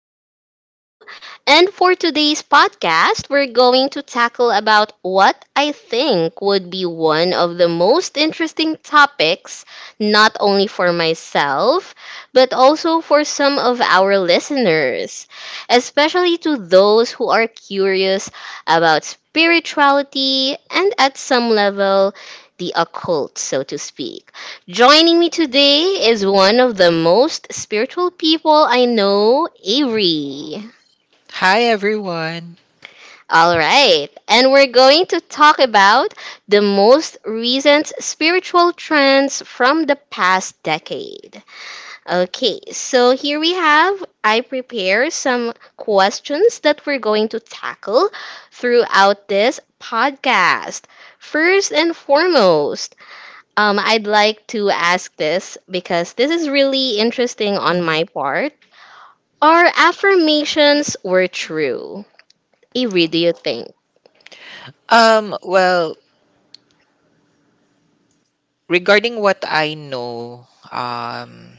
our show. And for today's podcast, we're going to tackle about what I think would be one of the most interesting topics, not only for myself, but also for some of our listeners, especially to those who are curious about spirituality and at some level, the occult, so to speak. Joining me today is one of the most spiritual people I know, Avery. Hi everyone. All right, and we're going to talk about the most recent spiritual trends from the past decade. Okay, so here we have I prepare some questions that we're going to tackle throughout this podcast. First and foremost, I'd like to ask this because this is really interesting on my part. Our affirmations were true? Avery, do you think? Um well, regarding what I know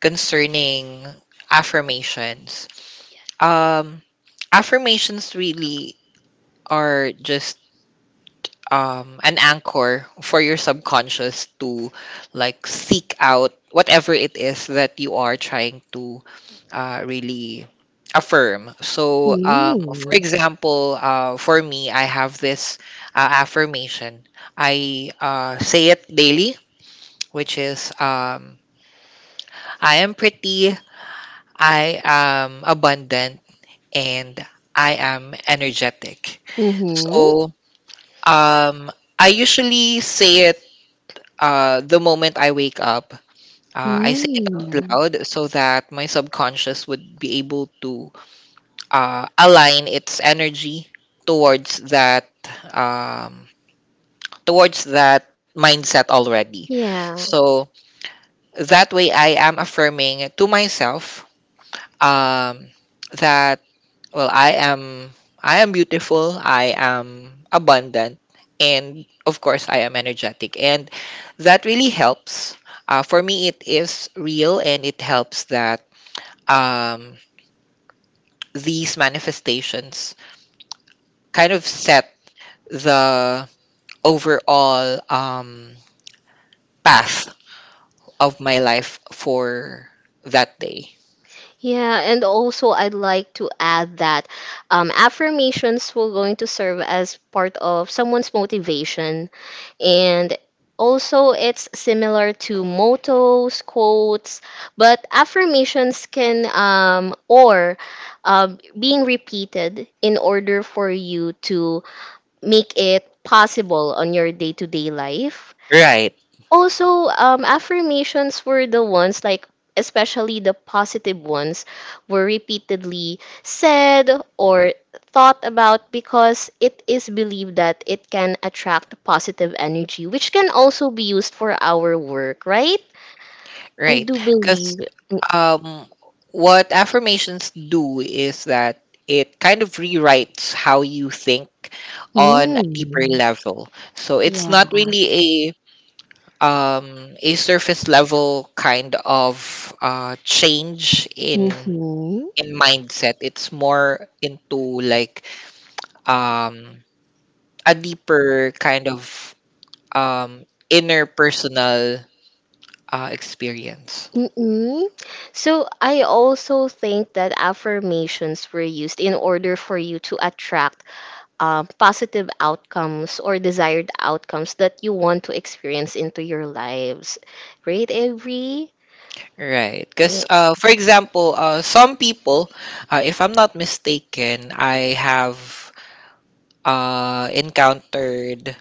concerning affirmations. Um Affirmations really are just an anchor for your subconscious to like seek out whatever it is that you are trying to really affirm. So, for example, for me, I have this affirmation. I say it daily, which is I am pretty, I am abundant, and I am energetic. So, um, I usually say it the moment I wake up. I say it out loud so that my subconscious would be able to align its energy towards that um, towards that mindset already. Yeah. So that way, I am affirming to myself um, that, Well, I am I am beautiful, I am abundant, and of course I am energetic. And that really helps. For me it is real and it helps that um, these manifestations kind of set the overall path of my life for that day. Yeah, and also I'd like to add that affirmations will going to serve as part of someone's motivation and also it's similar to mottos quotes but affirmations can or being repeated in order for you to make it possible on your day-to-day life. Right. Also, affirmations were the ones like, especially the positive ones, were repeatedly said or thought about because it is believed that it can attract positive energy which can also be used for our work, right? I Right. do Because. believe. Um, what affirmations do is that it kind of rewrites how you think on a deeper mm, level. So it's yeah. not really a surface level kind of change in Mm-hmm. in mindset. It's more into like um, a deeper kind of inner personal experience. Mm-mm. So I also think that affirmations were used in order for you to attract positive outcomes or desired outcomes that you want to experience into your lives. Right, Avery? Right. Because, Yeah. For example, some people, if I'm not mistaken, I have encountered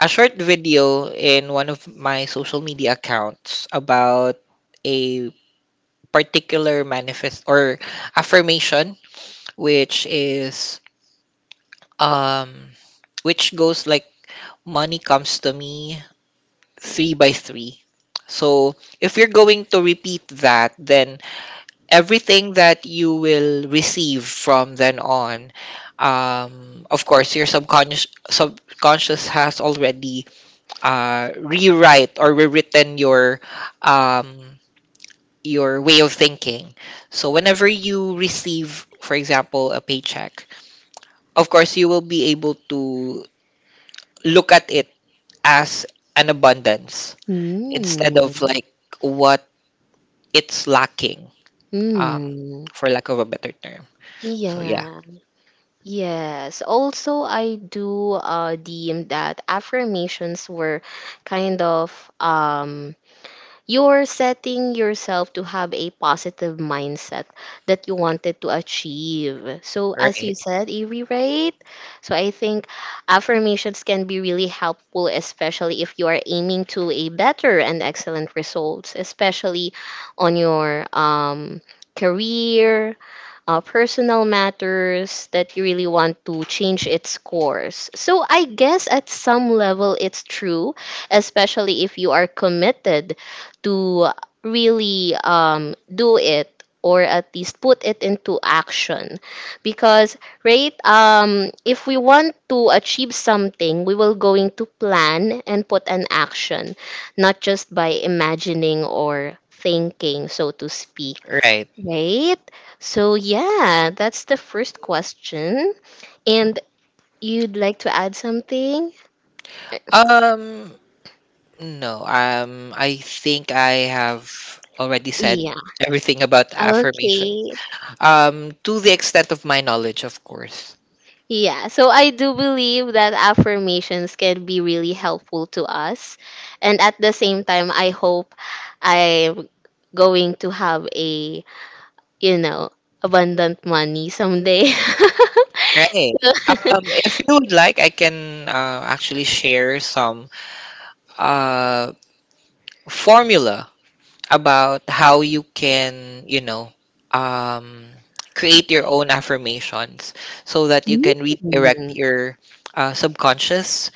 a short video in one of my social media accounts about a particular manifest or affirmation, which is, um, which goes like, money comes to me three by three. So if you're going to repeat that, then everything that you will receive from then on, of course your subconscious has already rewrite or rewritten um, your way of thinking, so whenever you receive, for example, a paycheck, of course you will be able to look at it as an abundance instead of Mm. like what it's lacking, um, Mm. for lack of a better term. So yeah. Yeah. Yes. Also, I do deem that affirmations were kind of um you're setting yourself to have a positive mindset that you wanted to achieve. So, as you Right. said, Avery, right? So, I think affirmations can be really helpful, especially if you are aiming to a better and excellent results, especially on your career, personal matters that you really want to change its course. So I guess at some level it's true, especially if you are committed to really do it, or at least put it into action, because, right, if we want to achieve something we will going to plan and put an action, not just by imagining or thinking, so to speak. Right. Right? So, yeah, that's the first question. And you'd like to add something? Um, no. I think I have already said Yeah. everything about affirmation. Okay. To the extent of my knowledge, of course. Yeah. So I do believe that affirmations can be really helpful to us. And at the same time, I hope I'm going to have a, you know, abundant money someday. Right. If you would like, I can actually share some uh formula about how you can, you know, um, create your own affirmations so that you can Mm. redirect your subconscious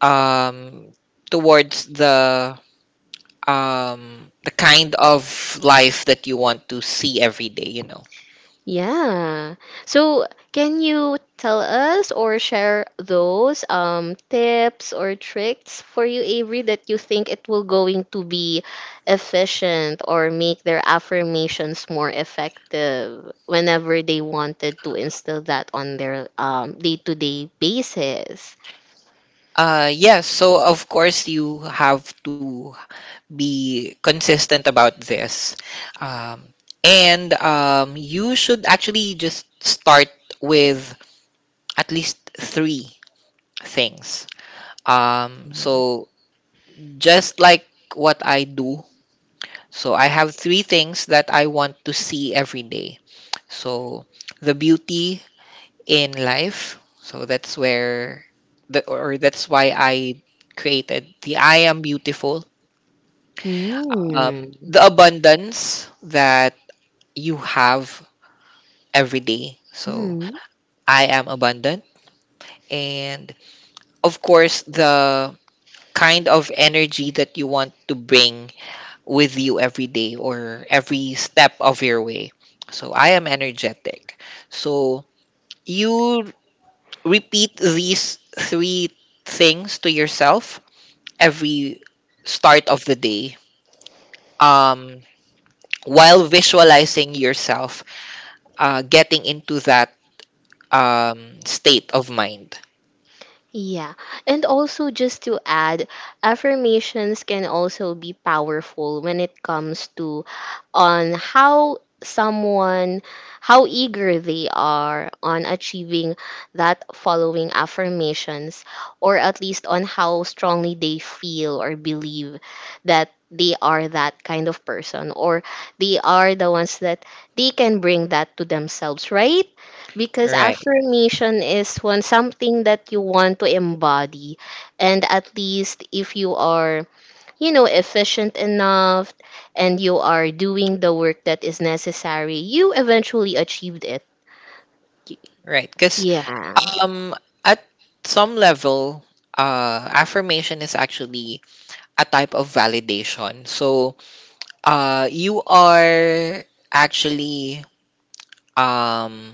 um towards the kind of life that you want to see every day, you know. Yeah. So, can you tell us or share those tips or tricks for you, Avery, that you think it will going to be efficient or make their affirmations more effective whenever they wanted to instill that on their day-to-day basis? Yes, so of course you have to be consistent about this. Um, and you should actually just start with at least three things. So just like what I do, so I have three things that I want to see every day. So, the beauty in life. So that's where the or that's why I created the I am beautiful. Mm. The abundance that you have every day. So I am abundant, and of course the kind of energy that you want to bring with you every day or every step of your way. So I am energetic. So you repeat these three things to yourself every start of the day, um, while visualizing yourself getting into that state of mind. Yeah. And also, just to add, affirmations can also be powerful when it comes to on how someone, how eager they are on achieving that following affirmations, or at least on how strongly they feel or believe that they are that kind of person, or they are the ones that they can bring that to themselves, right? Because Right, affirmation is one something that you want to embody. And at least if you are, you know, efficient enough and you are doing the work that is necessary, you eventually achieved it. right. Because, Yeah. um, at some level, affirmation is actually a type of validation. So you are actually um,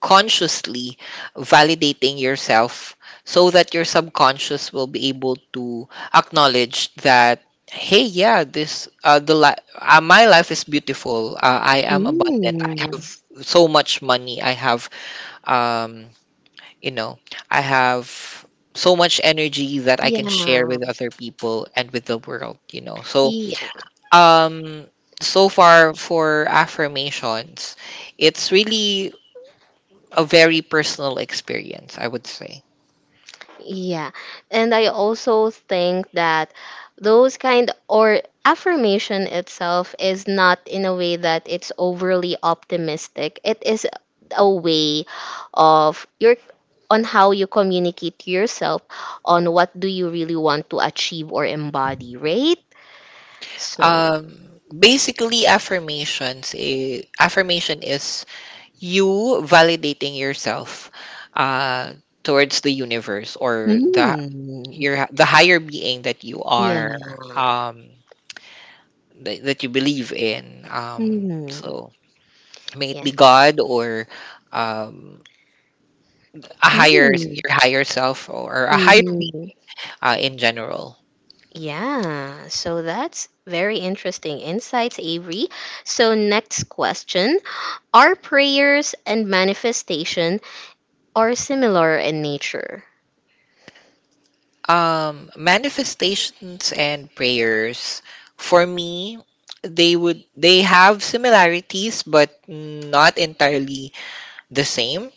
consciously validating yourself so that your subconscious will be able to acknowledge that, hey, yeah, my life is beautiful, I am Mm. abundant, I have so much money, I have, um you know, I have so much energy that I can share with Yeah. other people and with the world, you know. So Yeah. um so far for affirmations, it's really a very personal experience, I would say. Yeah. And I also think that those kind or affirmation itself is not in a way that it's overly optimistic. It is a way of your, on how you communicate to yourself on what do you really want to achieve or embody, right? So, Basically, affirmation is you validating yourself uh, towards the universe or the mm, your the higher being that you yeah. are, um, that you believe in. Mm, So may it yeah. be God or, um, a higher Mm, your higher self or a higher mhm. being in general. Yeah, so that's very interesting insights, Avery. So, next question. Are prayers and manifestation are similar in nature? Manifestations and prayers, for me, they have similarities but not entirely the same.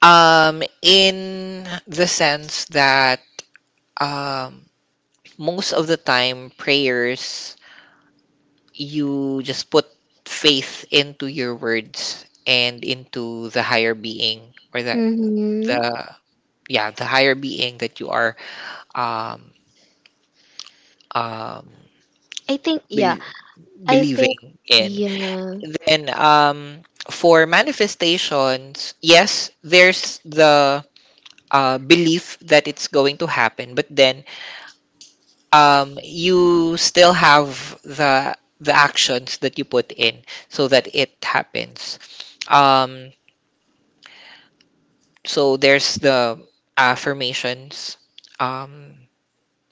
In the sense that, um, most of the time, prayers, you just put faith into your words and into the higher being or Hmm. the yeah, the higher being that you are um um I think, yeah. I think, believing in. yeah. Then for manifestations, yes, there's the belief that it's going to happen, but then you still have the actions that you put in so that it happens. Um so there's the affirmations. Um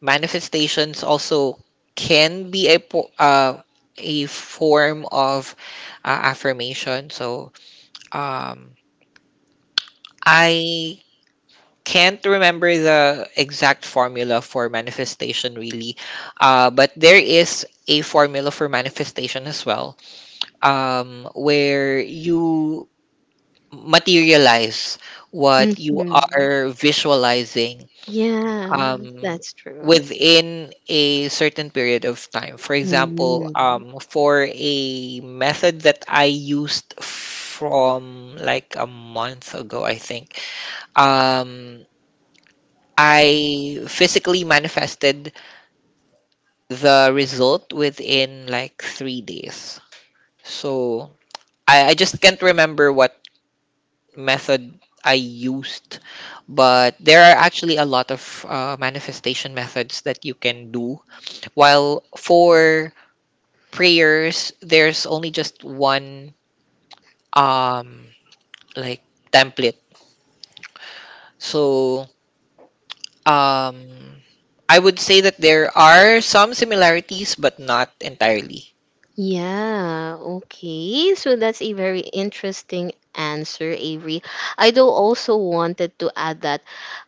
Manifestations also can be a form of affirmation. So, Um, I can't remember the exact formula for manifestation really, but there is a formula for manifestation as well, where you materialize what you Hmm. are visualizing Yeah, um, that's true. within a certain period of time. For example, Hmm. For a method that I used from like a month ago, I think, Um, I physically manifested the result within like 3 days. So I just can't remember what method I used, but there are actually a lot of manifestation methods that you can do. While for prayers, there's only just one, um, like, template. So, Um, I would say that there are some similarities, but not entirely. Yeah, okay. So that's a very interesting answer, Avery. I do also wanted to add that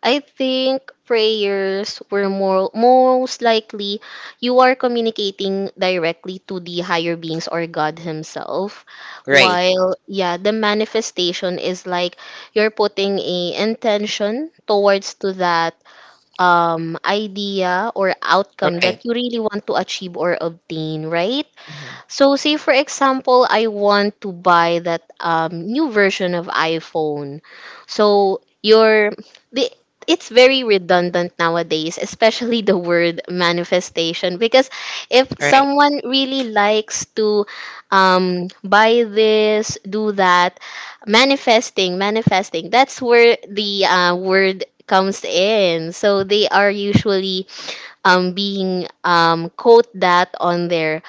I think prayers were more most likely you are communicating directly to the higher beings or God himself. Right. While, yeah, the manifestation is like you're putting a intention towards to that idea or outcome that Right. you really want to achieve or obtain, right? Mhm. So say for example, I want to buy that new version of iPhone. So your, the, it's very redundant nowadays, especially the word manifestation. Because if Right. someone really likes to buy this, do that, manifesting, manifesting, that's where the word comes in. So they are usually being quote that on their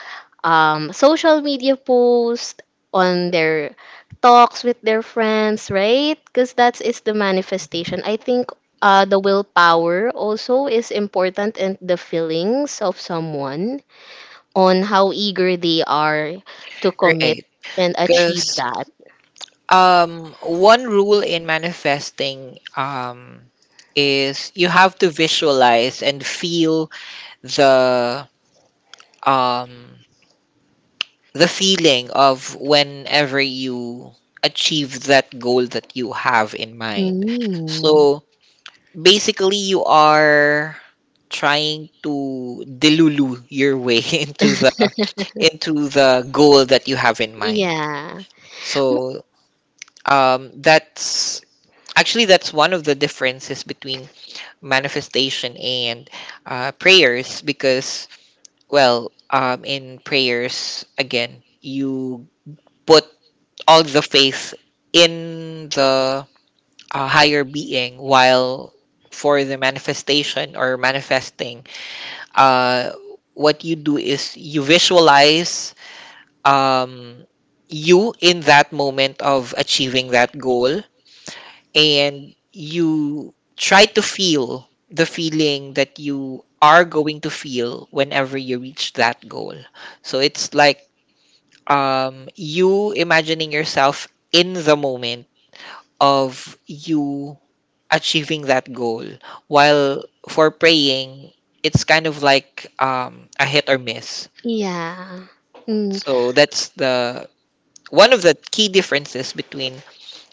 social media post, on their talks with their friends, right? Because that is the manifestation. I think the willpower also is important, and the feelings of someone on how eager they are to commit Right. and achieve Because, that. One rule in manifesting, is you have to visualize and feel the um, the feeling of whenever you achieve that goal that you have in mind. Mm. So basically you are trying to delulu your way into the goal that you have in mind. Yeah. Mo-. So that's actually, that's one of the differences between manifestation and prayers, because, well, in prayers, again, you put all the faith in the higher being, while for the manifestation or manifesting, uh, what you do is you visualize um, you in that moment of achieving that goal, and you try to feel the feeling that you are going to feel whenever you reach that goal. So it's like, you imagining yourself in the moment of you achieving that goal. While for praying, it's kind of like, a hit or miss. Yeah. Mm. So that's the one of the key differences between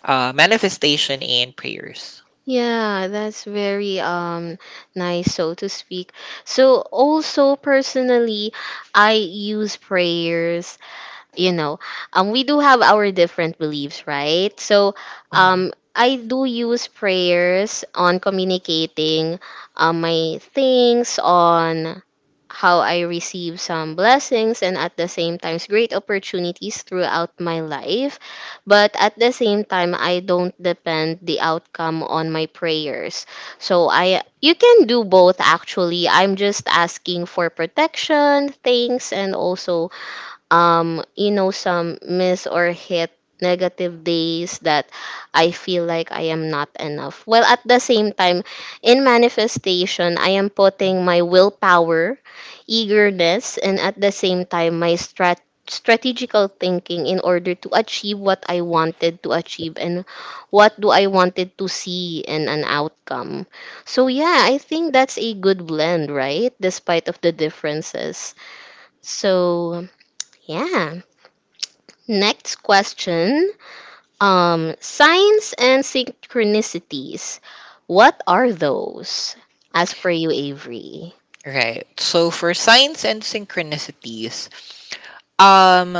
manifestation and prayers. Yeah, that's very nice, so to speak. So also personally, I use prayers, you know. We do have our different beliefs, right? So Mhm. I do use prayers on communicating my things on how I receive some blessings and at the same times great opportunities throughout my life, but at the same time I don't depend the outcome on my prayers. So I, you can do both actually. I'm just asking for protection things, and also, you know, some miss or hit negative days that I feel like I am not enough. Well, at the same time, in manifestation I am putting my willpower, eagerness, and at the same time my strategical thinking in order to achieve what I wanted to achieve and what do I wanted to see in an outcome. So yeah, I think that's a good blend, right, despite of the differences. So yeah. Next question. Signs and synchronicities. What are those? As for you, Avery. Right. So for signs and synchronicities, um,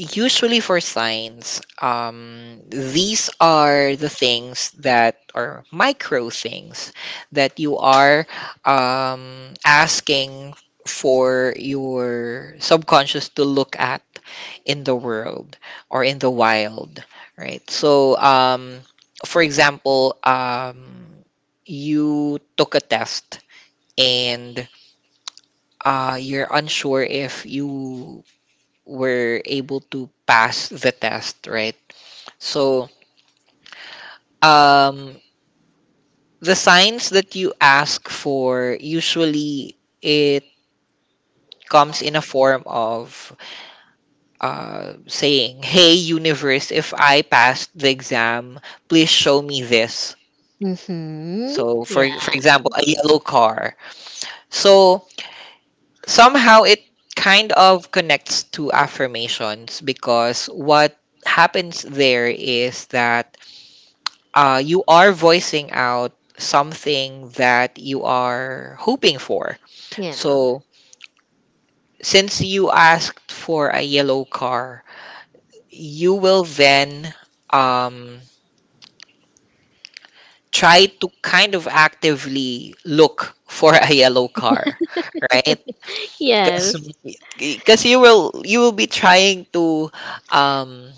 usually for signs, these are the things that are micro things that you are asking for your subconscious to look at in the world or in the wild, right? So, for example, you took a test and you're unsure if you were able to pass the test, right? So, um, the signs that you ask for, usually it comes in a form of saying, "Hey universe, if I passed the exam, please show me this." Mm-hmm. So, Yeah. for example, a yellow car. So somehow it kind of connects to affirmations, because what happens there is that you are voicing out something that you are hoping for. Yeah. So, since you asked for a yellow car, you will then um, try to kind of actively look for a yellow car, right? Yes. Because you will be trying to, um,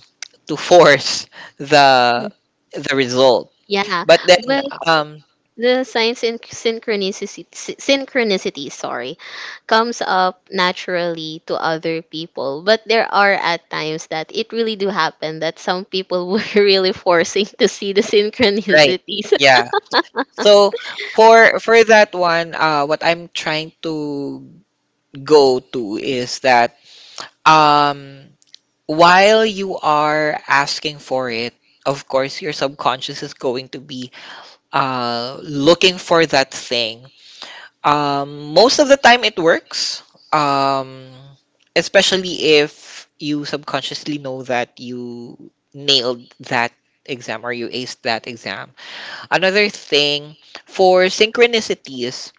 to force the the result, Yeah. but then, But um, the signs and synchronicity, synchronicity, sorry, comes up naturally to other people. But there are at times that it really do happen that some people were really forcing to see the right, synchronicities. yeah. So for that one, what I'm trying to go to is that, um, while you are asking for it, of course your subconscious is going to be looking for that thing. Most of the time it works, um, especially if you subconsciously know that you nailed that exam or you aced that exam. Another thing, for synchronicities,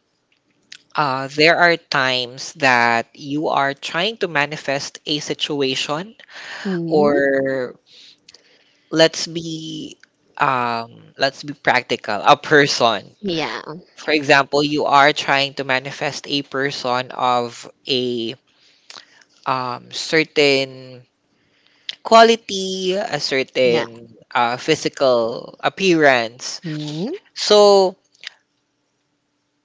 There are times that you are trying to manifest a situation, Hmm. or, let's be let's be practical, a person. Yeah. For example, you are trying to manifest a person of a, certain quality, a Yeah. certain physical appearance. Hmm. So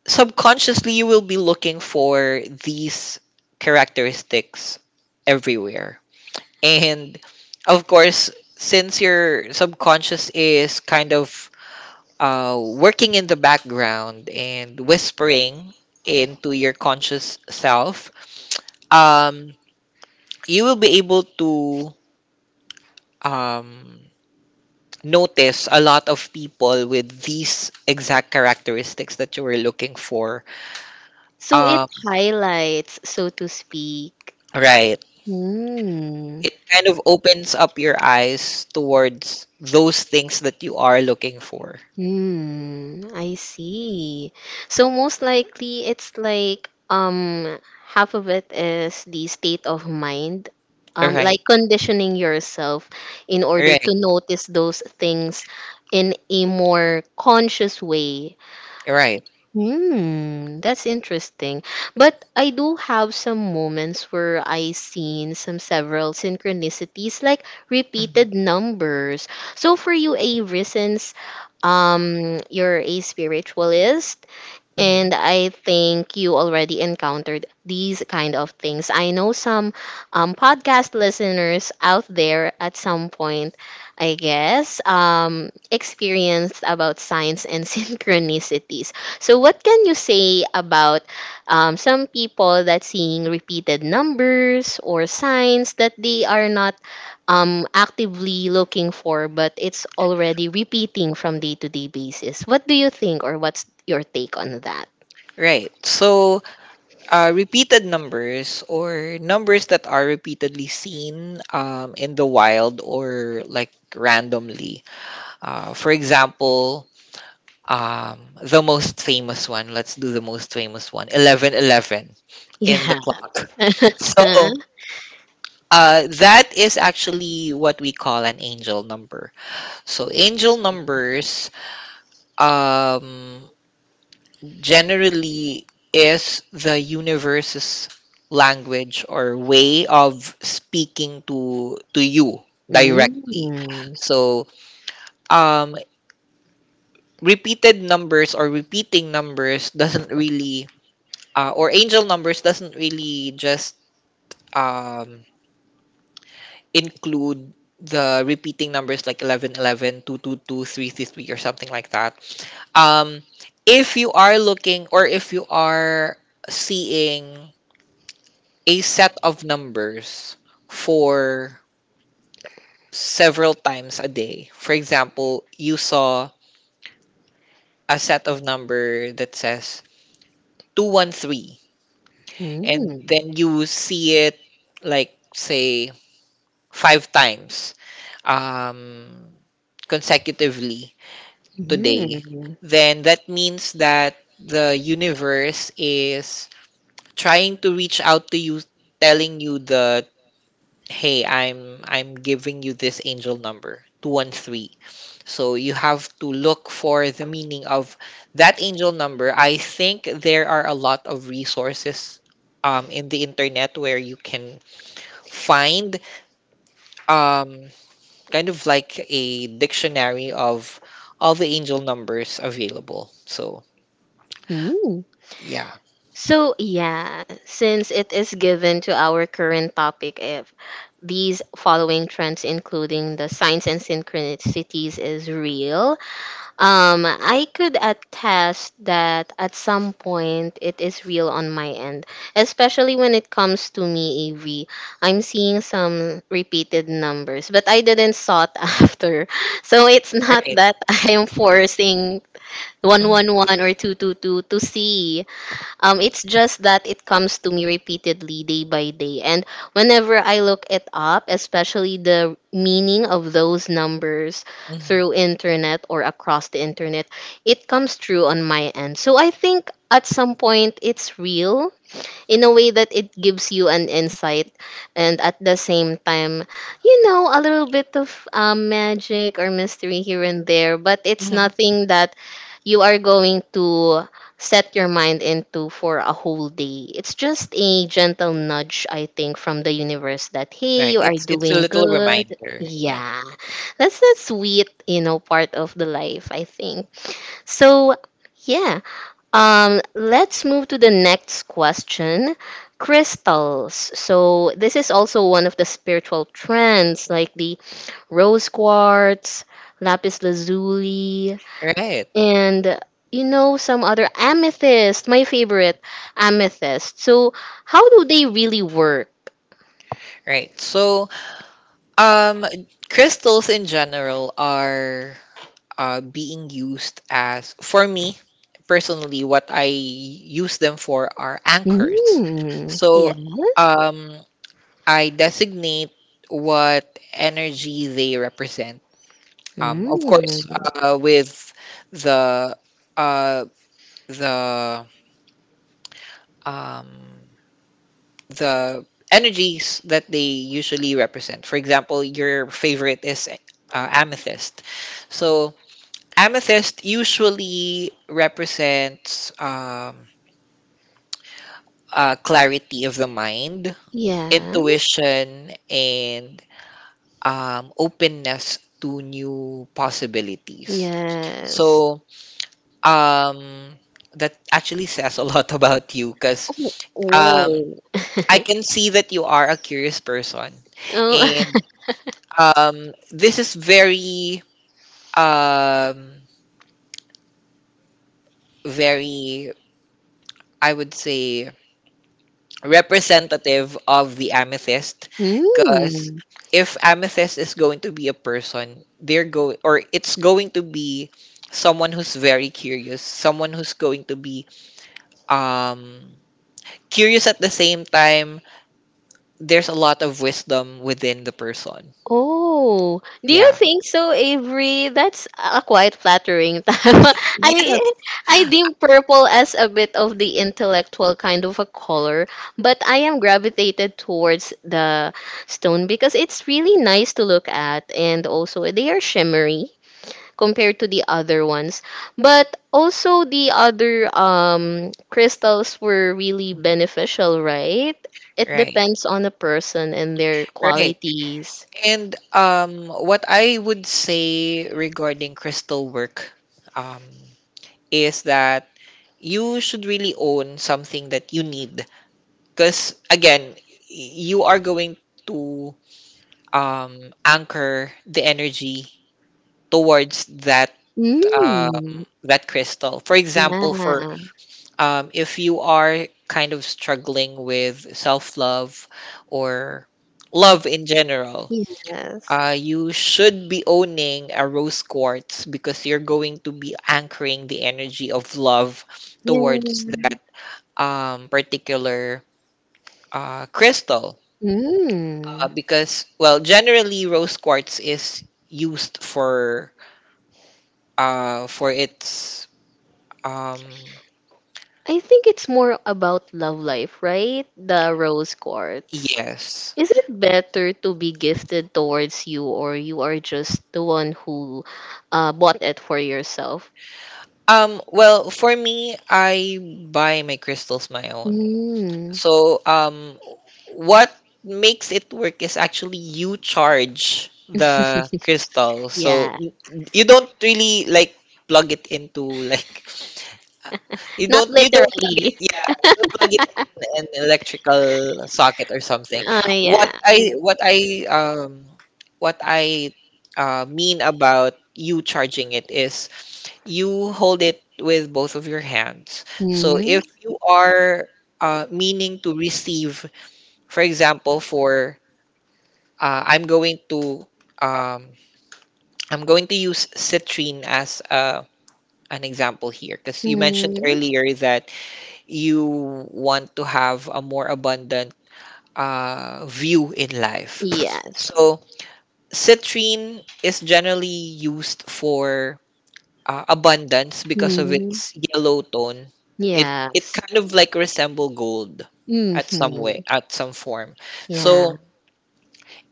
subconsciously, you will be looking for these characteristics everywhere. And of course, since your subconscious is kind of working in the background and whispering into your conscious self, um, you will be able to, um, notice a lot of people with these exact characteristics that you were looking for. So it Um, highlights, so to speak. right. Mm. It kind of opens up your eyes towards those things that you are looking for. Hmm. I see. So most likely it's like, half of it is the state of mind. Like Right. conditioning yourself in order to Right. notice those things in a more conscious way. Right. Hmm, that's interesting. But I do have some moments where I seen some several synchronicities like Mhm. repeated numbers. So for you, Avery, since you're a spiritualist, Mhm. and I think you already encountered these kind of things. I know some podcast listeners out there, at some point, I guess, experienced about signs and synchronicities. So, what can you say about some people that seeing repeated numbers or signs that they are not actively looking for, but it's already repeating from day to day basis? What do you think, or what's your take on that? Right. So, repeated numbers or numbers that are repeatedly seen in the wild or like randomly. For example, the most famous one, 1111 in the Yeah. clock. So, that is actually what we call an angel number. So, angel numbers, um, generally, is the universe's language or way of speaking to you Mm, directly. mm, So um repeated numbers or repeating numbers doesn't really, or angel numbers doesn't really just um include the repeating numbers like 11, 11, two, two, two, three, three, three, or something like that. um if you are looking, or if you are seeing a set of numbers for several times a day. For example, you saw a set of number that says 213 and mm, then you see it like say five times um, consecutively today, mm, then that means that the universe is trying to reach out to you, telling you the hey, I'm giving you this angel number 213. So you have to look for the meaning of that angel number. I think there are a lot of resources in the internet where you can find um, kind of like a dictionary of all the angel numbers available. So mm. yeah, So, yeah, since it is given to our current topic, if these following trends, including the signs and synchronicities, is real, I could attest that at some point it is real on my end, especially when it comes to me, Avi. I'm seeing some repeated numbers, but I didn't sought after. So it's not right, that I am forcing 111 or 222 to see. It's just that it comes to me repeatedly day by day. And whenever I look it up, especially the meaning of those numbers hmm through internet or across the internet, it comes true on my end. So I think at some point it's real, in a way that it gives you an insight, and at the same time, you know, a little bit of magic or mystery here and there, but it's hmm nothing that you are going to set your mind into for a whole day. It's just a gentle nudge, I think, from the universe, that hey, right. you are It's a doing little good. reminder. Yeah, Yeah, that's the sweet, you know, part of the life, I think. So yeah. Let's move to the next question. Crystals. So this is also one of the spiritual trends, like the rose quartz, lapis lazuli, right, and, you know, some other amethyst. My favorite, amethyst. So how do they really work? right. So Um, crystals in general are being used as, for me personally, what I use them for are anchors. Mm, So yes. um, I designate what energy they represent. Of course, Mm, with the uh, the um, the energies that they usually represent. For example, your favorite is amethyst. So amethyst usually represents clarity of the mind, yeah. intuition, and openness to new possibilities. Yes. So um, that actually says a lot about you because Oh, um, whoa. I can see that you are a curious person, Oh, and this is very, um, very, I would say, representative of the amethyst because mm. if amethyst is going to be a person they're go or it's going to be someone who's very curious, someone who's going to be um curious. At the same time, there's a lot of wisdom within the person. Oh, do you Yeah, think so, Avery? That's a quite flattering time. I yes. I deem purple as a bit of the intellectual kind of a color, but I am gravitated towards the stone because it's really nice to look at, and also they are shimmery compared to the other ones. But also the other crystals were really beneficial, right? It Right. depends on the person and their Right. qualities. And what I would say regarding crystal work um is that you should really own something that you need. Because again, you are going to anchor the energy towards that um, Mm. that crystal. For example, for Yeah. If you are kind of struggling with self love or love in general, Yes. You should be owning a rose quartz because you're going to be anchoring the energy of love Yeah. towards that particular crystal, Mm. Because well, generally rose quartz is used for its um I think it's more about love life, right? The rose quartz. yes Is it better to be gifted towards you or you are just the one who bought it for yourself? Well, for me, I buy my crystals my own. Mm. So what makes it work is actually you charge the crystal. So Yeah. You don't really like plug it into like You Not don't you don't plug literally. it. Yeah, you don't plug it in an electrical socket or something. Oh, What yeah. I what I um what I mean about you charging it is you hold it with both of your hands. So Hmm. if you are meaning to receive, for example, for uh, I'm going to um, I'm going to use citrine as an example here because you mentioned Hmm. earlier that you want to have a more abundant view in life. Yes. So, citrine is generally used for abundance because of Hmm. its yellow tone. It it Yes. kind of like resemble gold at some Mm-hmm. way, at some form. So, Yeah.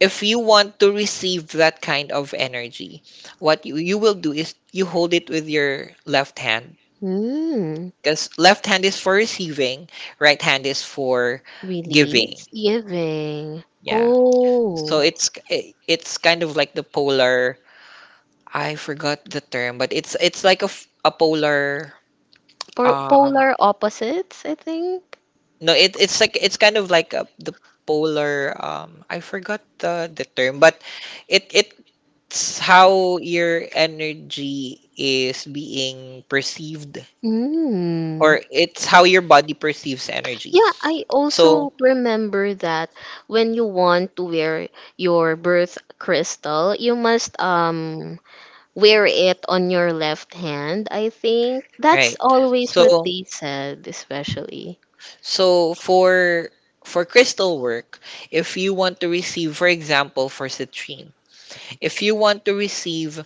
if you want to receive that kind of energy, what you will do is you hold it with your left hand, Hmm. because left hand is for receiving, right hand is for giving. Relieves giving. Yeah. So Oh. it's it's kind of like the polar. I forgot the term, but it's like a polar. Po- Um, polar opposites, I think. no, it's like it's kind of like the polar. I forgot the term, but it, it's how your energy is being perceived, Hmm. or it's how your body perceives energy. Yeah, I So also remember that when you want to wear your birth crystal, you must wear it on your left hand, I think. That's right. always what So. they said, especially. For crystal work, if you want to receive, for example, for citrine, if you want to receive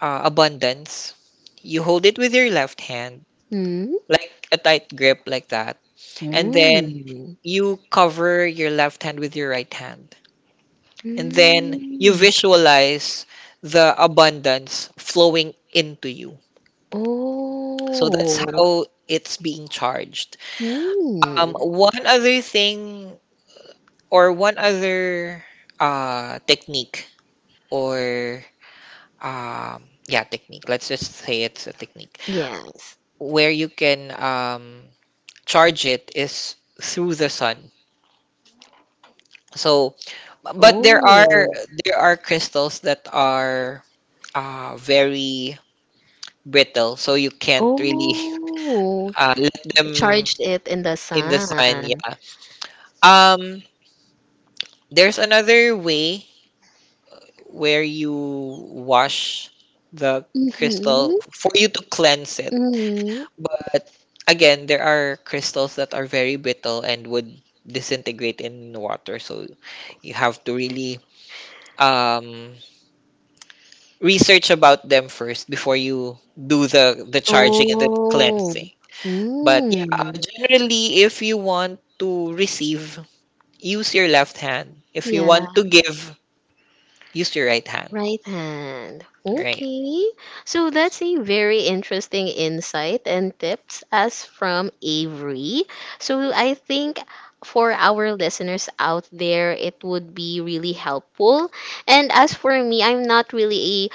abundance, you hold it with your left hand, Hmm? like a tight grip, like that, and then you cover your left hand with your right hand, and then you Mm. visualize the abundance flowing into you. So that's Oh. how it's being charged. Hmm. One other thing Or one other technique, or yeah, technique. Let's just say it's a technique Yes. where you can charge it is through the sun. So, but there are Oh. there are crystals that are very brittle, so you can't really Oh. Let them Charged it in the in the sun. sun. Yeah. Um, there's another way where you wash the crystal Mhm, for you to cleanse it. mhm. But again, there are crystals that are very brittle and would disintegrate in water, so you have to really um, research about them first before you do the charging and the Oh. cleansing. But yeah, Mm. generally, if you want to receive, use your left hand. If you Yeah. want to give, use your right hand. Right hand. Right. Okay. So that's a very interesting insight and tips as from Avery. So I think for our listeners out there, it would be really helpful. And as for me, I'm not really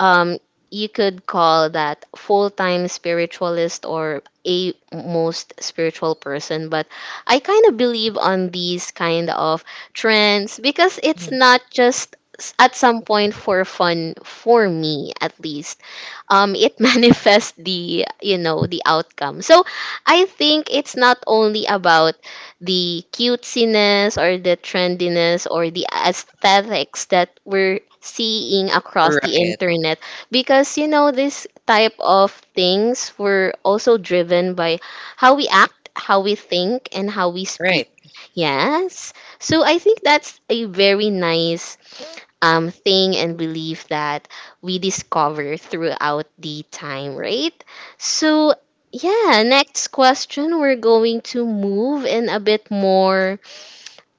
um you could call that full-time spiritualist or a most spiritual person, but I kind of believe on these kind of trends because it's Mhm. not just at some point for fun for me, at least it manifests the you know the outcome. So I think it's not only about the cutesiness or the trendiness or the aesthetics that we're seeing across Right. the Right. Right. internet because this type of things were also driven by how we act, how we think, and how we Right. Right, speak, yes. So I think that's a very nice thing and belief that we discover throughout the time, right? So, yeah, next question, we're going to move in a bit more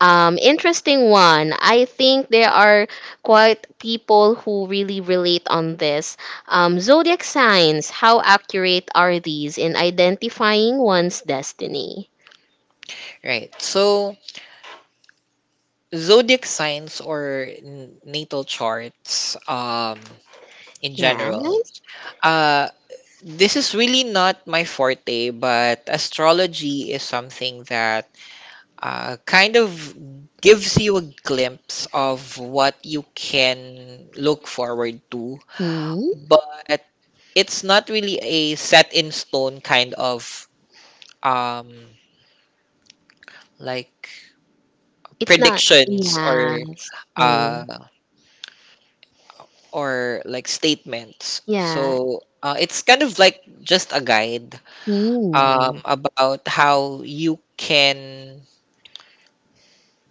interesting one. I think there are quite people who really relate on this. Zodiac signs, how accurate are these in identifying one's destiny? right. So zodiac signs, or natal charts, in general, Yes. uh, this is really not my forte, but astrology is something that kind of gives you a glimpse of what you can look forward to, Hmm. but it's not really a set in stone kind of um, like It's not. predictions, Yes. Hmm. uh, or like statements. Yeah. So it's kind of like just a guide Mm. about how you can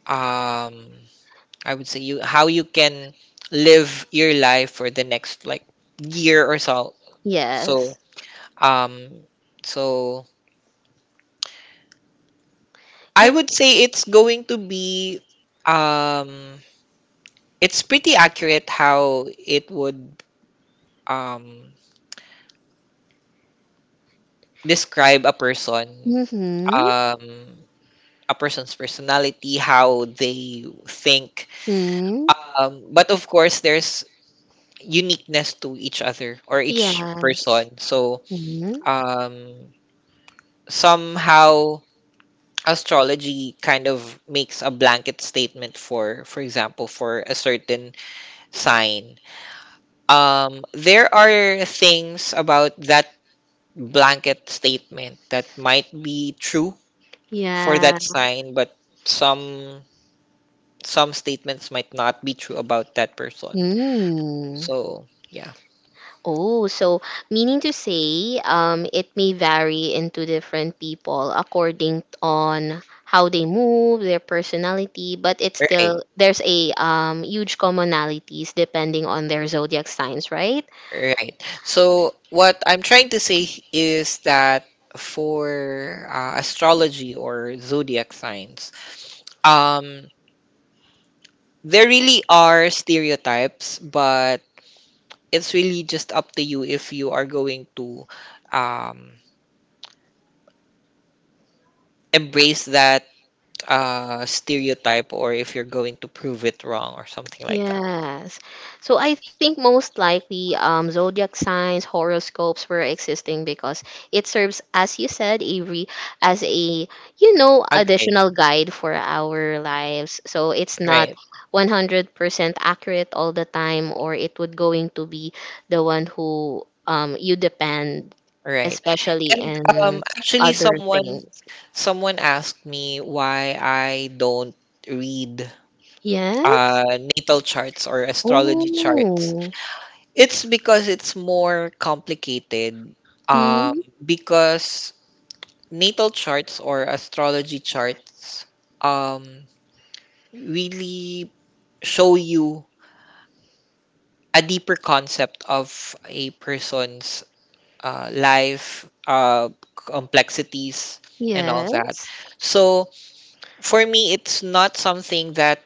um, I would say you how you can live your life for the next like year or so. Yes. So um so I Yeah. would say it's going to be um it's pretty accurate how it would um describe a person, Mm-hmm. um a person's personality, how they think. Mm. But of course there's uniqueness to each other, or each Yes. person. So Mm. um somehow astrology kind of makes a blanket statement for example, for a certain sign. There are things about that blanket statement that might be true for Yeah. that sign, but some some statements might not be true about that person. Mm. So yeah, Oh, so meaning to say, it may vary into different people according on how they move, their personality, but it's right. still there's a huge commonalities depending on their zodiac signs, right? Right. So what I'm trying to say is that for astrology or zodiac signs, um, there really are stereotypes, but it's really just up to you if you are going to um, embrace that stereotype, or if you're going to prove it wrong or something like that. Yes. So I think most likely zodiac signs, horoscopes were existing because it serves, as you said, Avery, as a, Agreed. additional guide for our lives. So it's not Right. 100% accurate all the time, or it would going to be the one who you depend, Right. especially And in actually other someone things. someone asked me why I don't read Yes. Natal charts or astrology charts. Oh. It's because it's more complicated, um Hmm. because natal charts or astrology charts um really show you a deeper concept of a person's life, complexities, and all that. Yes. So for me, it's not something that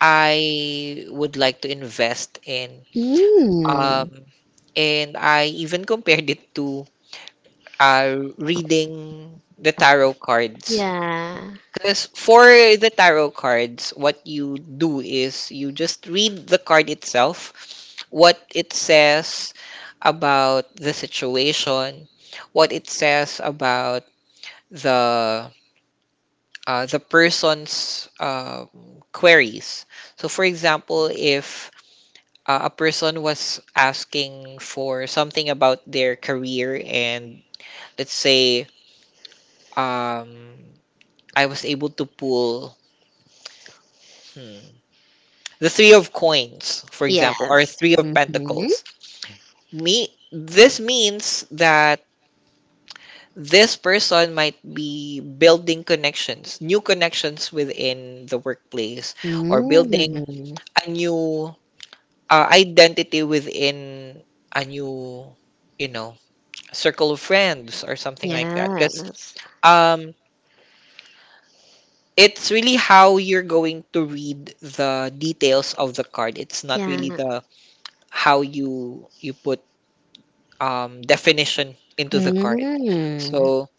I would like to invest in. Mm. Um, and I even compared it to reading the tarot cards. Yeah. Because for the tarot cards, what you do is you just read the card itself, what it says about the situation, what it says about the person's queries. So, for example, if a person was asking for something about their career, and let's say, um, I was able to pull, hmm, the three of coins, for example, or Yes. three of Mhm. pentacles. This means that this person might be building connections, new connections within the workplace, or building Mm. a new identity within a new, you know, circle of friends or something like that. Because Yes. um, it's really how you're going to read the details of the card. It's not Yeah. really the how you put definition into the card. Mm. So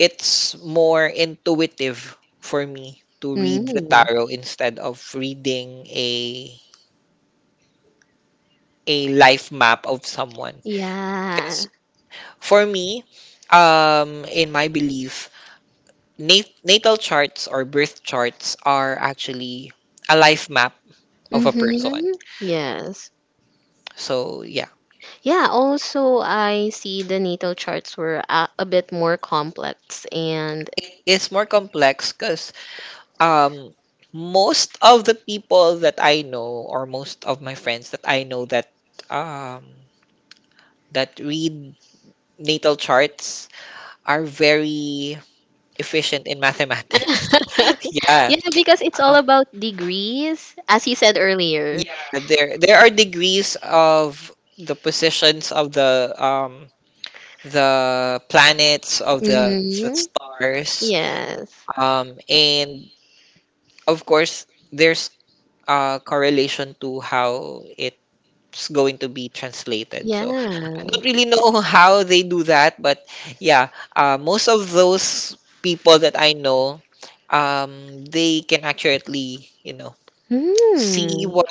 it's more intuitive for me to read the Mm. tarot instead of reading a, life map of someone. Yeah. For me, in my belief, natal charts or birth charts are actually a life map of a person. Mhm. Yes. So yeah, Yeah, also I see the natal charts were a bit more complex, and it's more complex because um, most of the people that I know, or most of my friends that I know that um, that read natal charts, are very efficient in mathematics. yeah. yeah, because it's all about degrees as you said earlier. Yeah, there are degrees of the positions of the planets, of the Mm-hmm. stars. Yes. And of course there's correlation to how it's going to be translated. Yeah. So I don't really know how they do that, but yeah, most of those people that I know, they can accurately, you know, see Hmm. what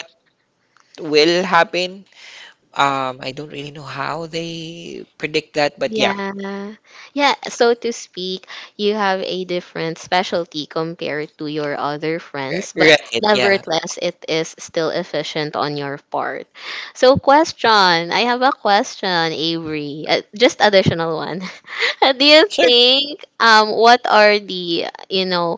will happen. I don't really know how they predict that, but yeah, Yeah. Yeah, so to speak, you have a different specialty compared to your other friends, but right, yeah, nevertheless, it is still efficient on your part. So, question. I have a question, Avery. Just additional one. Do you sure. think what are the,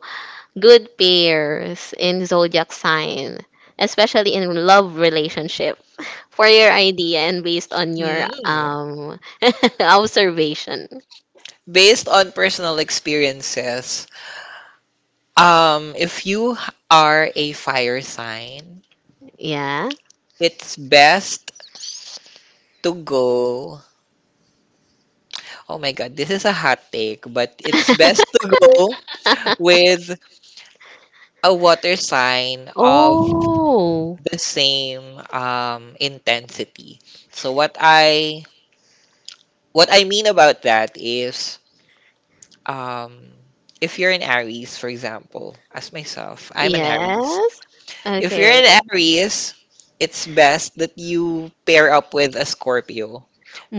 good pairs in zodiac sign, especially in love relationship, for your idea and based on your Mm. Observation. Based on personal experiences, if you are a fire sign, Yeah. it's best to go. Oh my God, this is a hot take, but it's best to go with a water sign of Oh, the same intensity. So what I mean about that is, um, if you're an Aries, for example, as myself, I'm an Aries. yes. If you're Okay. an Aries, it's best that you pair up with a Scorpio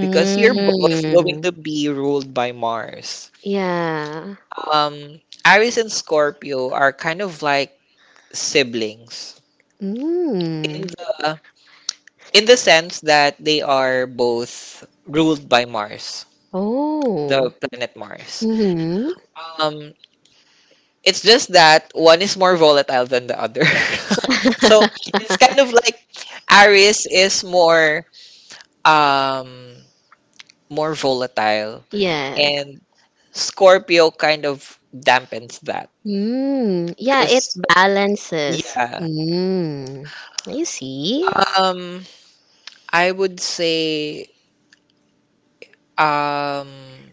because you're both going to be ruled by Mars. Yeah. Aries and Scorpio are kind of like siblings Mm. in the, in the sense that they are both ruled by Mars, the Oh. planet Mars. Mm-hmm. Um, It's just that one is more volatile than the other. so it's kind of like Aries is um more volatile, Yes. and Scorpio kind of dampens that. Mm, yeah, it Cause balances. yeah. Mm, you see. Um I would say um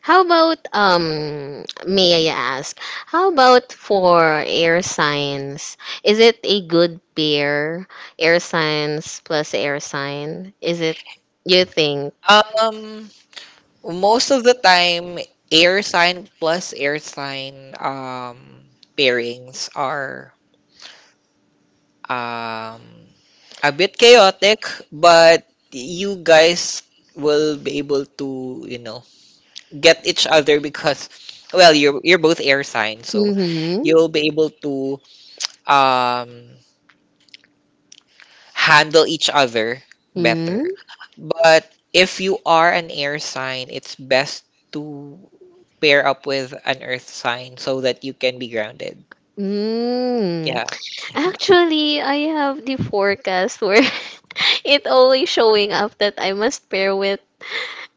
How about may I ask, how about for air signs? Is it a good pair? Air signs plus air sign? Is it you think? um most of the time air sign plus air sign pairings are um, a bit chaotic, but you guys will be able to, you know, get each other because, well, you're both air signs, so Mm-hmm. you'll be able to um, handle each other better. Mm-hmm. But if you are an air sign, it's best to pair up with an earth sign so that you can be grounded. Mm. Yeah, Actually, I have the forecast where it always showing up that I must pair with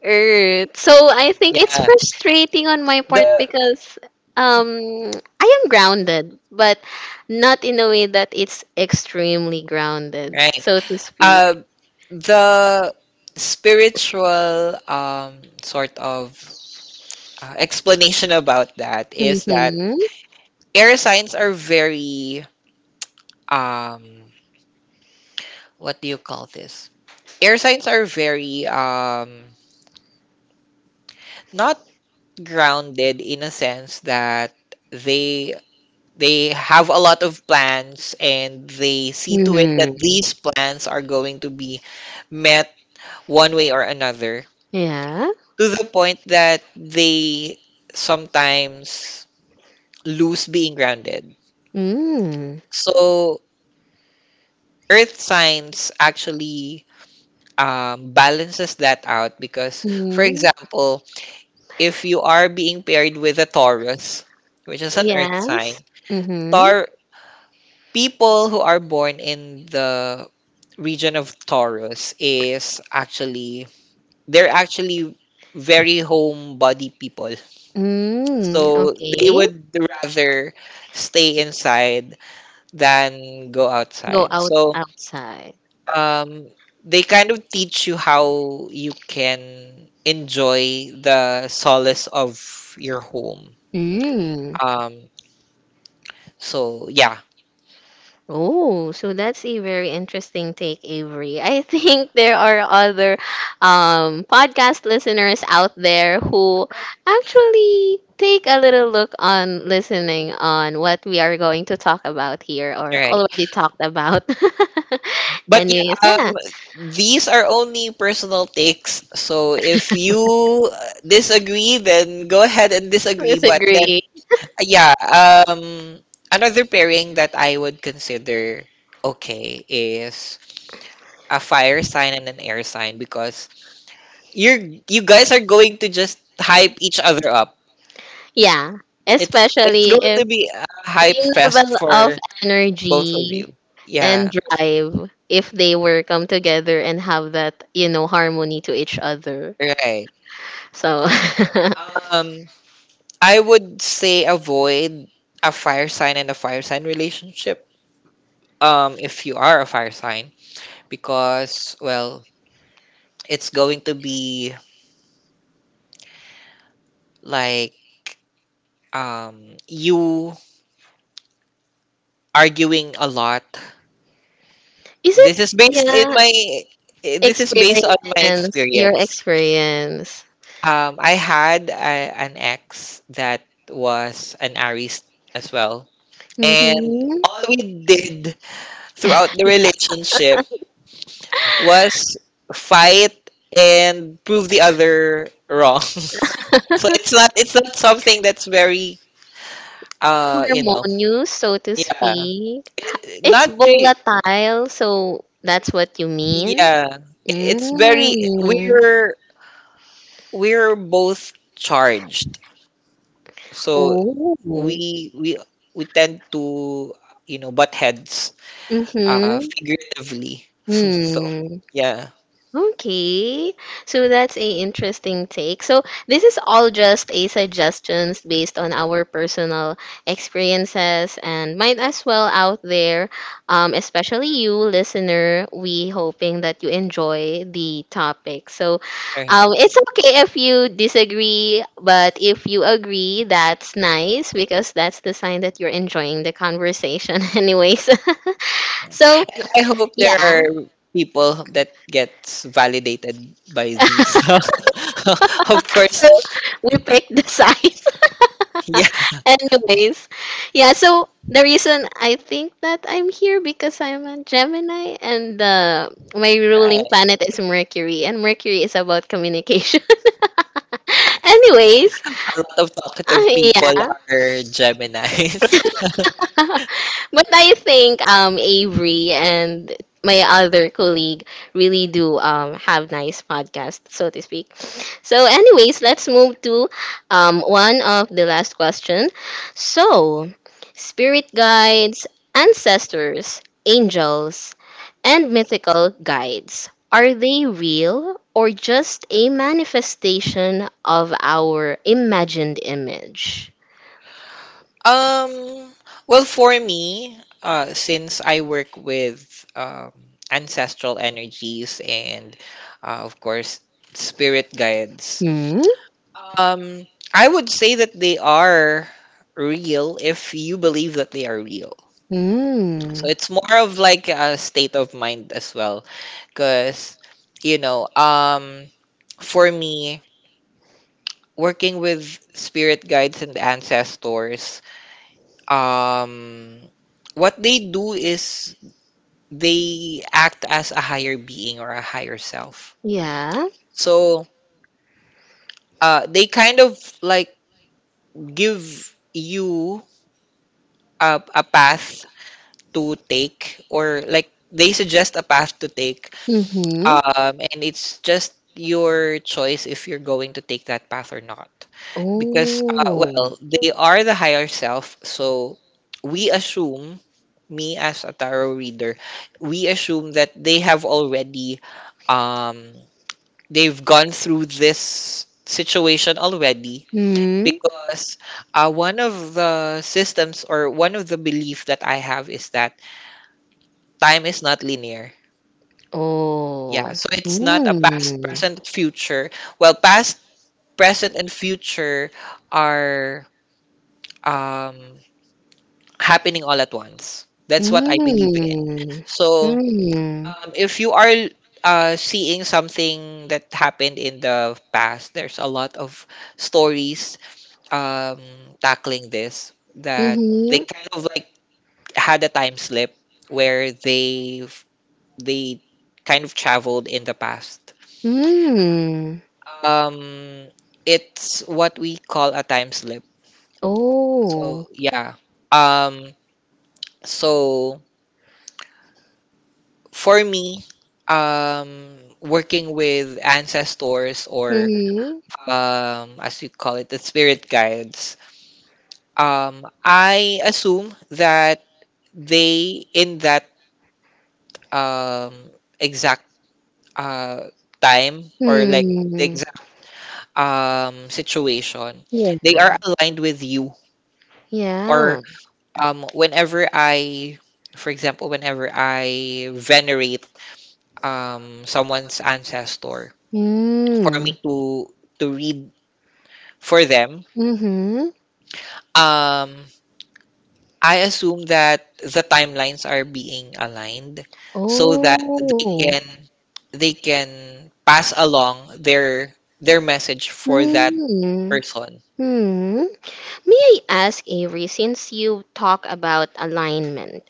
Earth. So I think it's yeah. frustrating on my part The, because um I am grounded, but not in a way that it's extremely grounded, right. so to speak. Um, the spiritual sort of explanation about that is that Mm-hmm. air signs are very um, what do you call this? Air signs are very not grounded in a sense that they they have a lot of plans and they see to it that these Mm-hmm. plans are going to be met one way or another Yeah. to the point that they sometimes lose being grounded. Mm. So earth signs actually balances that out because, for Mm. example, if you are being paired with a Taurus, which is an earth sign, Yes. Mm-hmm. Tar people who are born in the region of Taurus is actually they're actually very homebody people. Mm. So they Okay. would rather stay inside than go Go outside. out So outside. um, they kind of teach you how you can enjoy the solace of your home. Mm. Um, so yeah, Oh, so that's a very interesting take, Avery. I think there are other podcast listeners out there who actually take a little look on listening on what we are going to talk about here or right. already talked about. But Anyways, yeah, yeah, these are only personal takes. So if you disagree, then go ahead and disagree. But then, disagree. yeah, another pairing that I would consider okay is a fire sign and an air sign because you guys are going to just hype each other up. Yeah, It's especially going if to be a hype same level fest of for both of energy you. and Yeah, drive if they were come together and have that harmony to each other. right. So Um, I would say avoid a fire sign and a fire sign relationship. If you are a fire sign, because well, it's going to be like you arguing a lot. is This is it based in yeah my this is based on my experience your experience. experience. I had an ex that was an Aries as well, and all Mm-hmm. we did throughout the relationship was fight and prove the other wrong. So it's not something that's very you know Harmonious, so to yeah speak. It's Not really. volatile, so that's what you mean. Yeah, it's very Mm. we're both charged, so Oh. we we we tend to, you know, butt heads, Mm-hmm. Figuratively. So Hmm. yeah, Okay. So that's a interesting take. So this is all just a suggestions based on our personal experiences and might as well out there, especially you listener, we hoping that you enjoy the topic. So all right. it's okay if you disagree, but if you agree, that's nice because that's the sign that you're enjoying the conversation anyways. So I hope there yeah, are people that gets validated by these. Of so course, we picked the size. yeah, Anyways, yeah. So the reason I think that I'm here because I'm a Gemini, and my right. ruling planet is Mercury, and Mercury is about communication. Anyways, A lot of uh, talkative people yeah. are Geminis. But I think Avery and my other colleague really do have nice podcasts, so to speak. So, anyways, let's move to one of the last question. So, spirit guides, ancestors, angels, and mythical guides. Are they real or just a manifestation of our imagined image? Um, well, for me, since I work with um, ancestral energies and, of course, spirit guides. Hmm? Um, I would say that they are real if you believe that they are real. Hmm. So it's more of like a state of mind as well, because you know, for me, working with spirit guides and ancestors, um, what they do is they act as a higher being or a higher self. Yeah. So, they kind of like give you a path to take, or like they suggest a path to take, Mm-hmm. And it's just your choice if you're going to take that path or not, because Oh. well, they are the higher self, so we assume, me as a tarot reader, we assume that they have already um they've gone through this situation already, Mm. because one of the systems or one of the belief that I have is that time is not linear. Yeah, Oh. so it's not a past, Mm. present, future. Well, past, present, and future are um, happening all at once. That's what I believe in. Mm. So Mm. If you are seeing something that happened in the past, there's a lot of stories um, tackling this that they Mm-hmm. kind of like had a time slip where they kind of traveled in the past. Mm. Um, it's what we call a time slip. So Oh. yeah. Um, so for me, working with ancestors or Mm-hmm. As you call it, the spirit guides. I assume that they in that um exact uh time, or like the Mm. exact situation, they are Yeah. aligned with you, or Yeah. Whenever I, for example, whenever I venerate someone's ancestor for Mm. me to read for them, Mm-hmm. um I assume that the timelines are being aligned so that they Oh. can they can pass along their message for that Hmm. person. Hmm. May I ask, Avery, since you talk about alignment,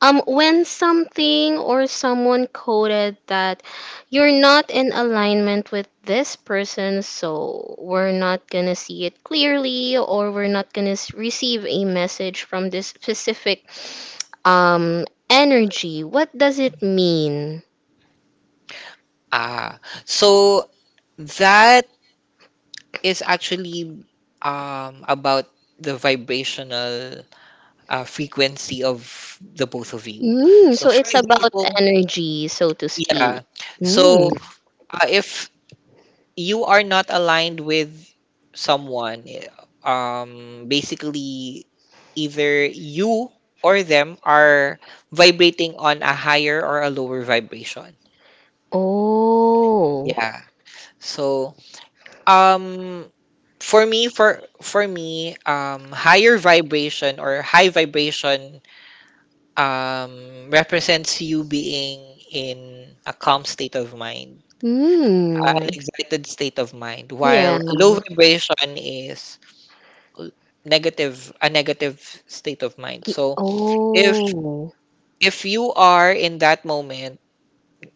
when something or someone coded that you're not in alignment with this person, so we're not gonna see it clearly, or we're not gonna receive a message from this specific um energy. What does it mean? So that is actually about the vibrational frequency of the both of you. Mm, So, so for it's about example, energy, so to yeah. speak. So, Mm. If you are not aligned with someone, basically, either you or them are vibrating on a higher or a lower vibration. Oh. Yeah. So, um, for me, higher vibration or high vibration represents you being in a calm state of mind, an Mm. excited state of mind, Yeah. while low vibration is a negative state of mind. So if Oh. You are in that moment,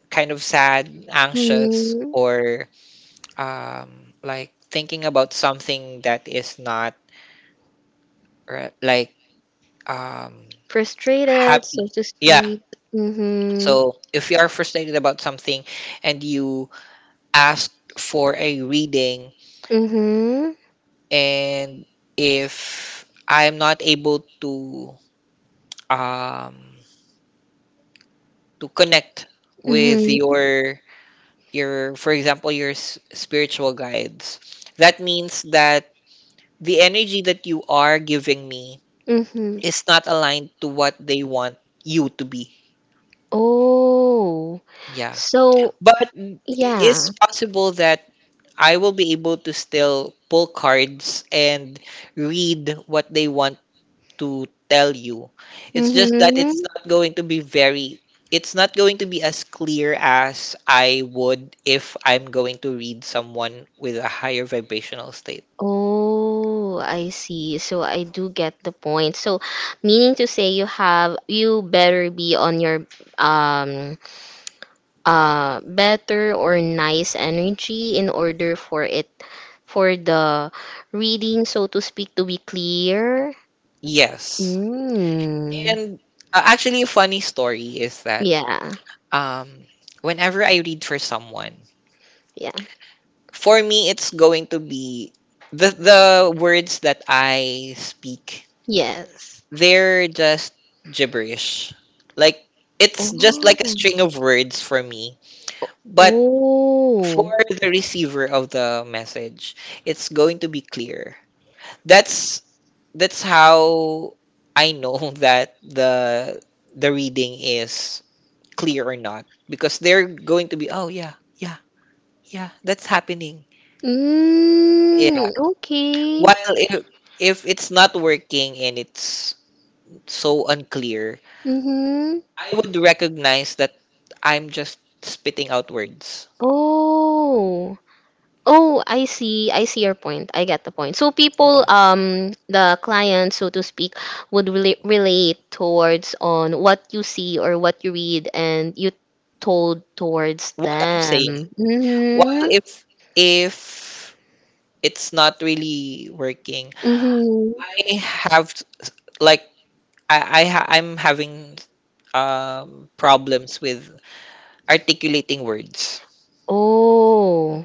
kind of sad, anxious, Hmm. or like thinking about something that is not uh, like um, Frustrated, happy, so to yeah. speak. Mm-hmm. So if you are frustrated about something and you asked for a reading, Mm-hmm. and if I'm not able um to connect with Mm-hmm. your for example, your spiritual guides, that means that the energy that you are giving me Mm-hmm. is not aligned to what they want you to be. Oh. Yeah, So, but it yeah. is possible that I will be able to still pull cards and read what they want to tell you. It's just that Mm-hmm. it's not going to be very, it's not going to be as clear as I would if I'm going to read someone with a higher vibrational state. Oh, I see. So I do get the point. So meaning to say you better be on your um better or nice energy in order for it for the reading, so to speak, to be clear. Yes. Mm. And actually a funny story is that Yeah. um whenever I read for someone, Yeah. for me it's going to be the words that I speak, Yes. they're just gibberish. Like it's just like a string of Oh. words for me. But for Oh. the receiver of the message, it's going to be clear. That's that's how I know that the reading is clear or not, because they're going to be, oh yeah, yeah, yeah, that's happening, yeah. Mm, okay. While if it's not working and it's so unclear, Mm-hmm. I would recognize that I'm just spitting out words, Oh. Oh, I see. I see your point. I get the point. So people, yeah, the clients, so to speak, would relate towards on what you see or what you read, and you told towards what I'm them. saying. While Mm-hmm. if if it's not really working, Mm-hmm. I have like, I'm having problems with articulating words. Oh.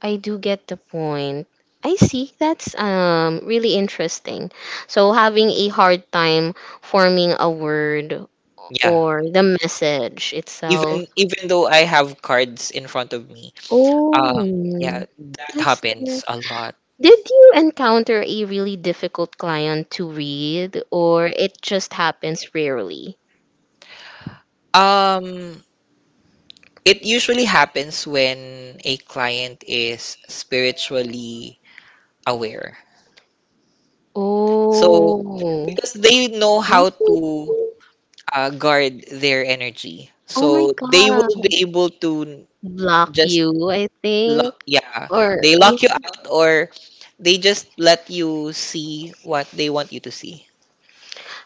I do get the point. I see. That's really interesting. So having a hard time forming a word Yeah. or the message itself. Even though I have cards in front of me. Um Oh, yeah, that that's not. happens a lot. Did you encounter a really difficult client to read, or it just happens rarely? Um it usually happens when a client is spiritually aware. So Oh. Mhm. 'cause they know how to guard their energy. Oh my So they will be God. able to Block just you, I think. yeah, Or they yeah. lock you out or they just let you see what they want you to see.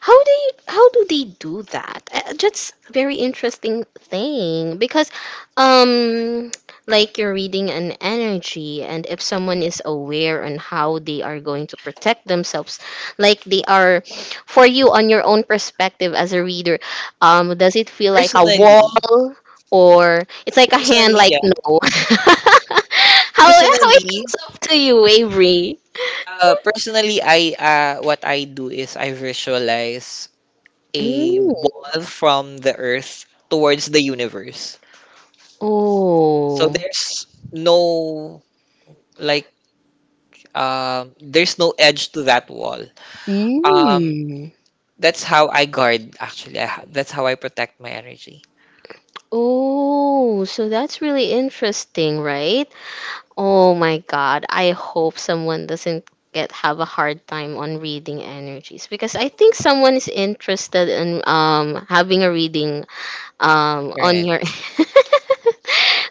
How do you, how do they do that? That's very interesting thing because um like you're reading an energy, and if someone is aware on how they are going to protect themselves, like they are for you on your own perspective as a reader, does it feel like a Personally, wall, or it's like a hand, personally, like yeah, no, how it personally, comes up to you, Avery? Personally, I what I do is I visualize a Mm. wall from the Earth towards the universe. So Oh. there's no like there's no edge to that wall. Um, that's how I guard actually. That's how I protect my energy. Oh, so that's really interesting, right? Oh my God, I hope someone doesn't get have a hard time on reading energies because I think someone is interested in having a reading on Right. your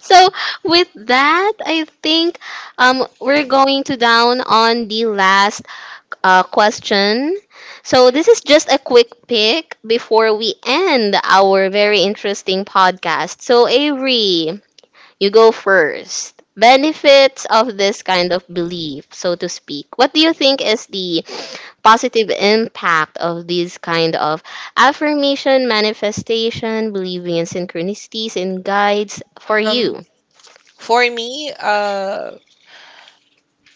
So with that, I think we're going to down on the last question. So, this is just a quick pick before we end our very interesting podcast. So, Avery, you go first. Benefits of this kind of belief, so to speak. What do you think is the positive impact of these kind of affirmation, manifestation, believing in synchronicities, and guides for Um, you? for me,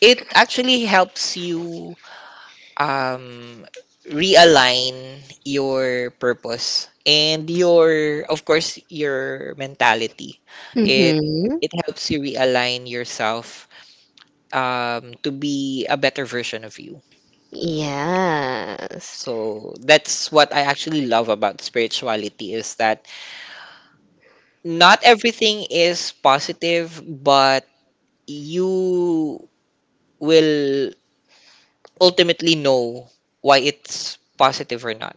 it actually helps you um realign your purpose and your, of course, your mentality. It Mm-hmm. it helps you realign yourself to be a better version of you. Yes. So that's what I actually love about spirituality is that not everything is positive, but you will ultimately know why it's positive or not.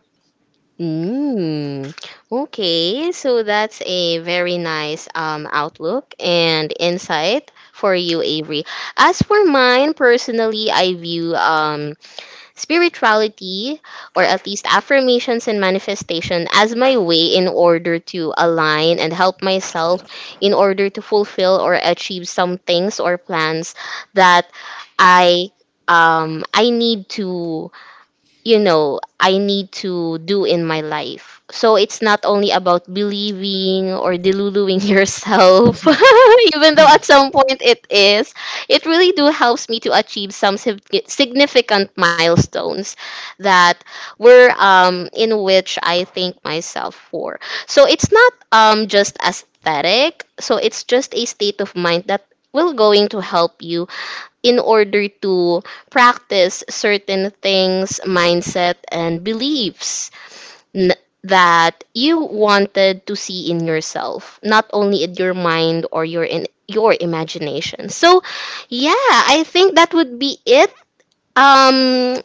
Mm, okay, so that's a very nice outlook and insight for you, Avery. As for mine, personally, I view spirituality or at least affirmations and manifestation as my way in order to align and help myself in order to fulfill or achieve some things or plans that I I need to do in my life. So it's not only about believing or deluding yourself, even though at some point it is. It really do helps me to achieve some significant milestones that were in which I thank myself for. So it's not just aesthetic. So it's just a state of mind that will going to help you in order to practice certain things, mindset, and beliefs n- that you wanted to see in yourself, not only in your mind or your in your imagination. So, yeah, I think that would be it. Um,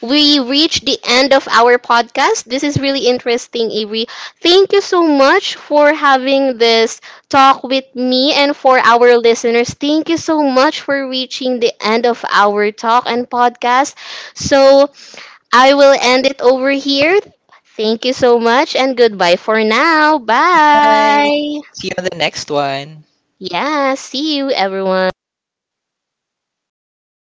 we reached the end of our podcast. This is really interesting, Avery. Thank you so much for having this talk with me and for our listeners. Thank you so much for reaching the end of our talk and podcast. So I will end it over here. Thank you so much, and goodbye for now. Bye. Bye. See you on the next one. Yeah, see you everyone.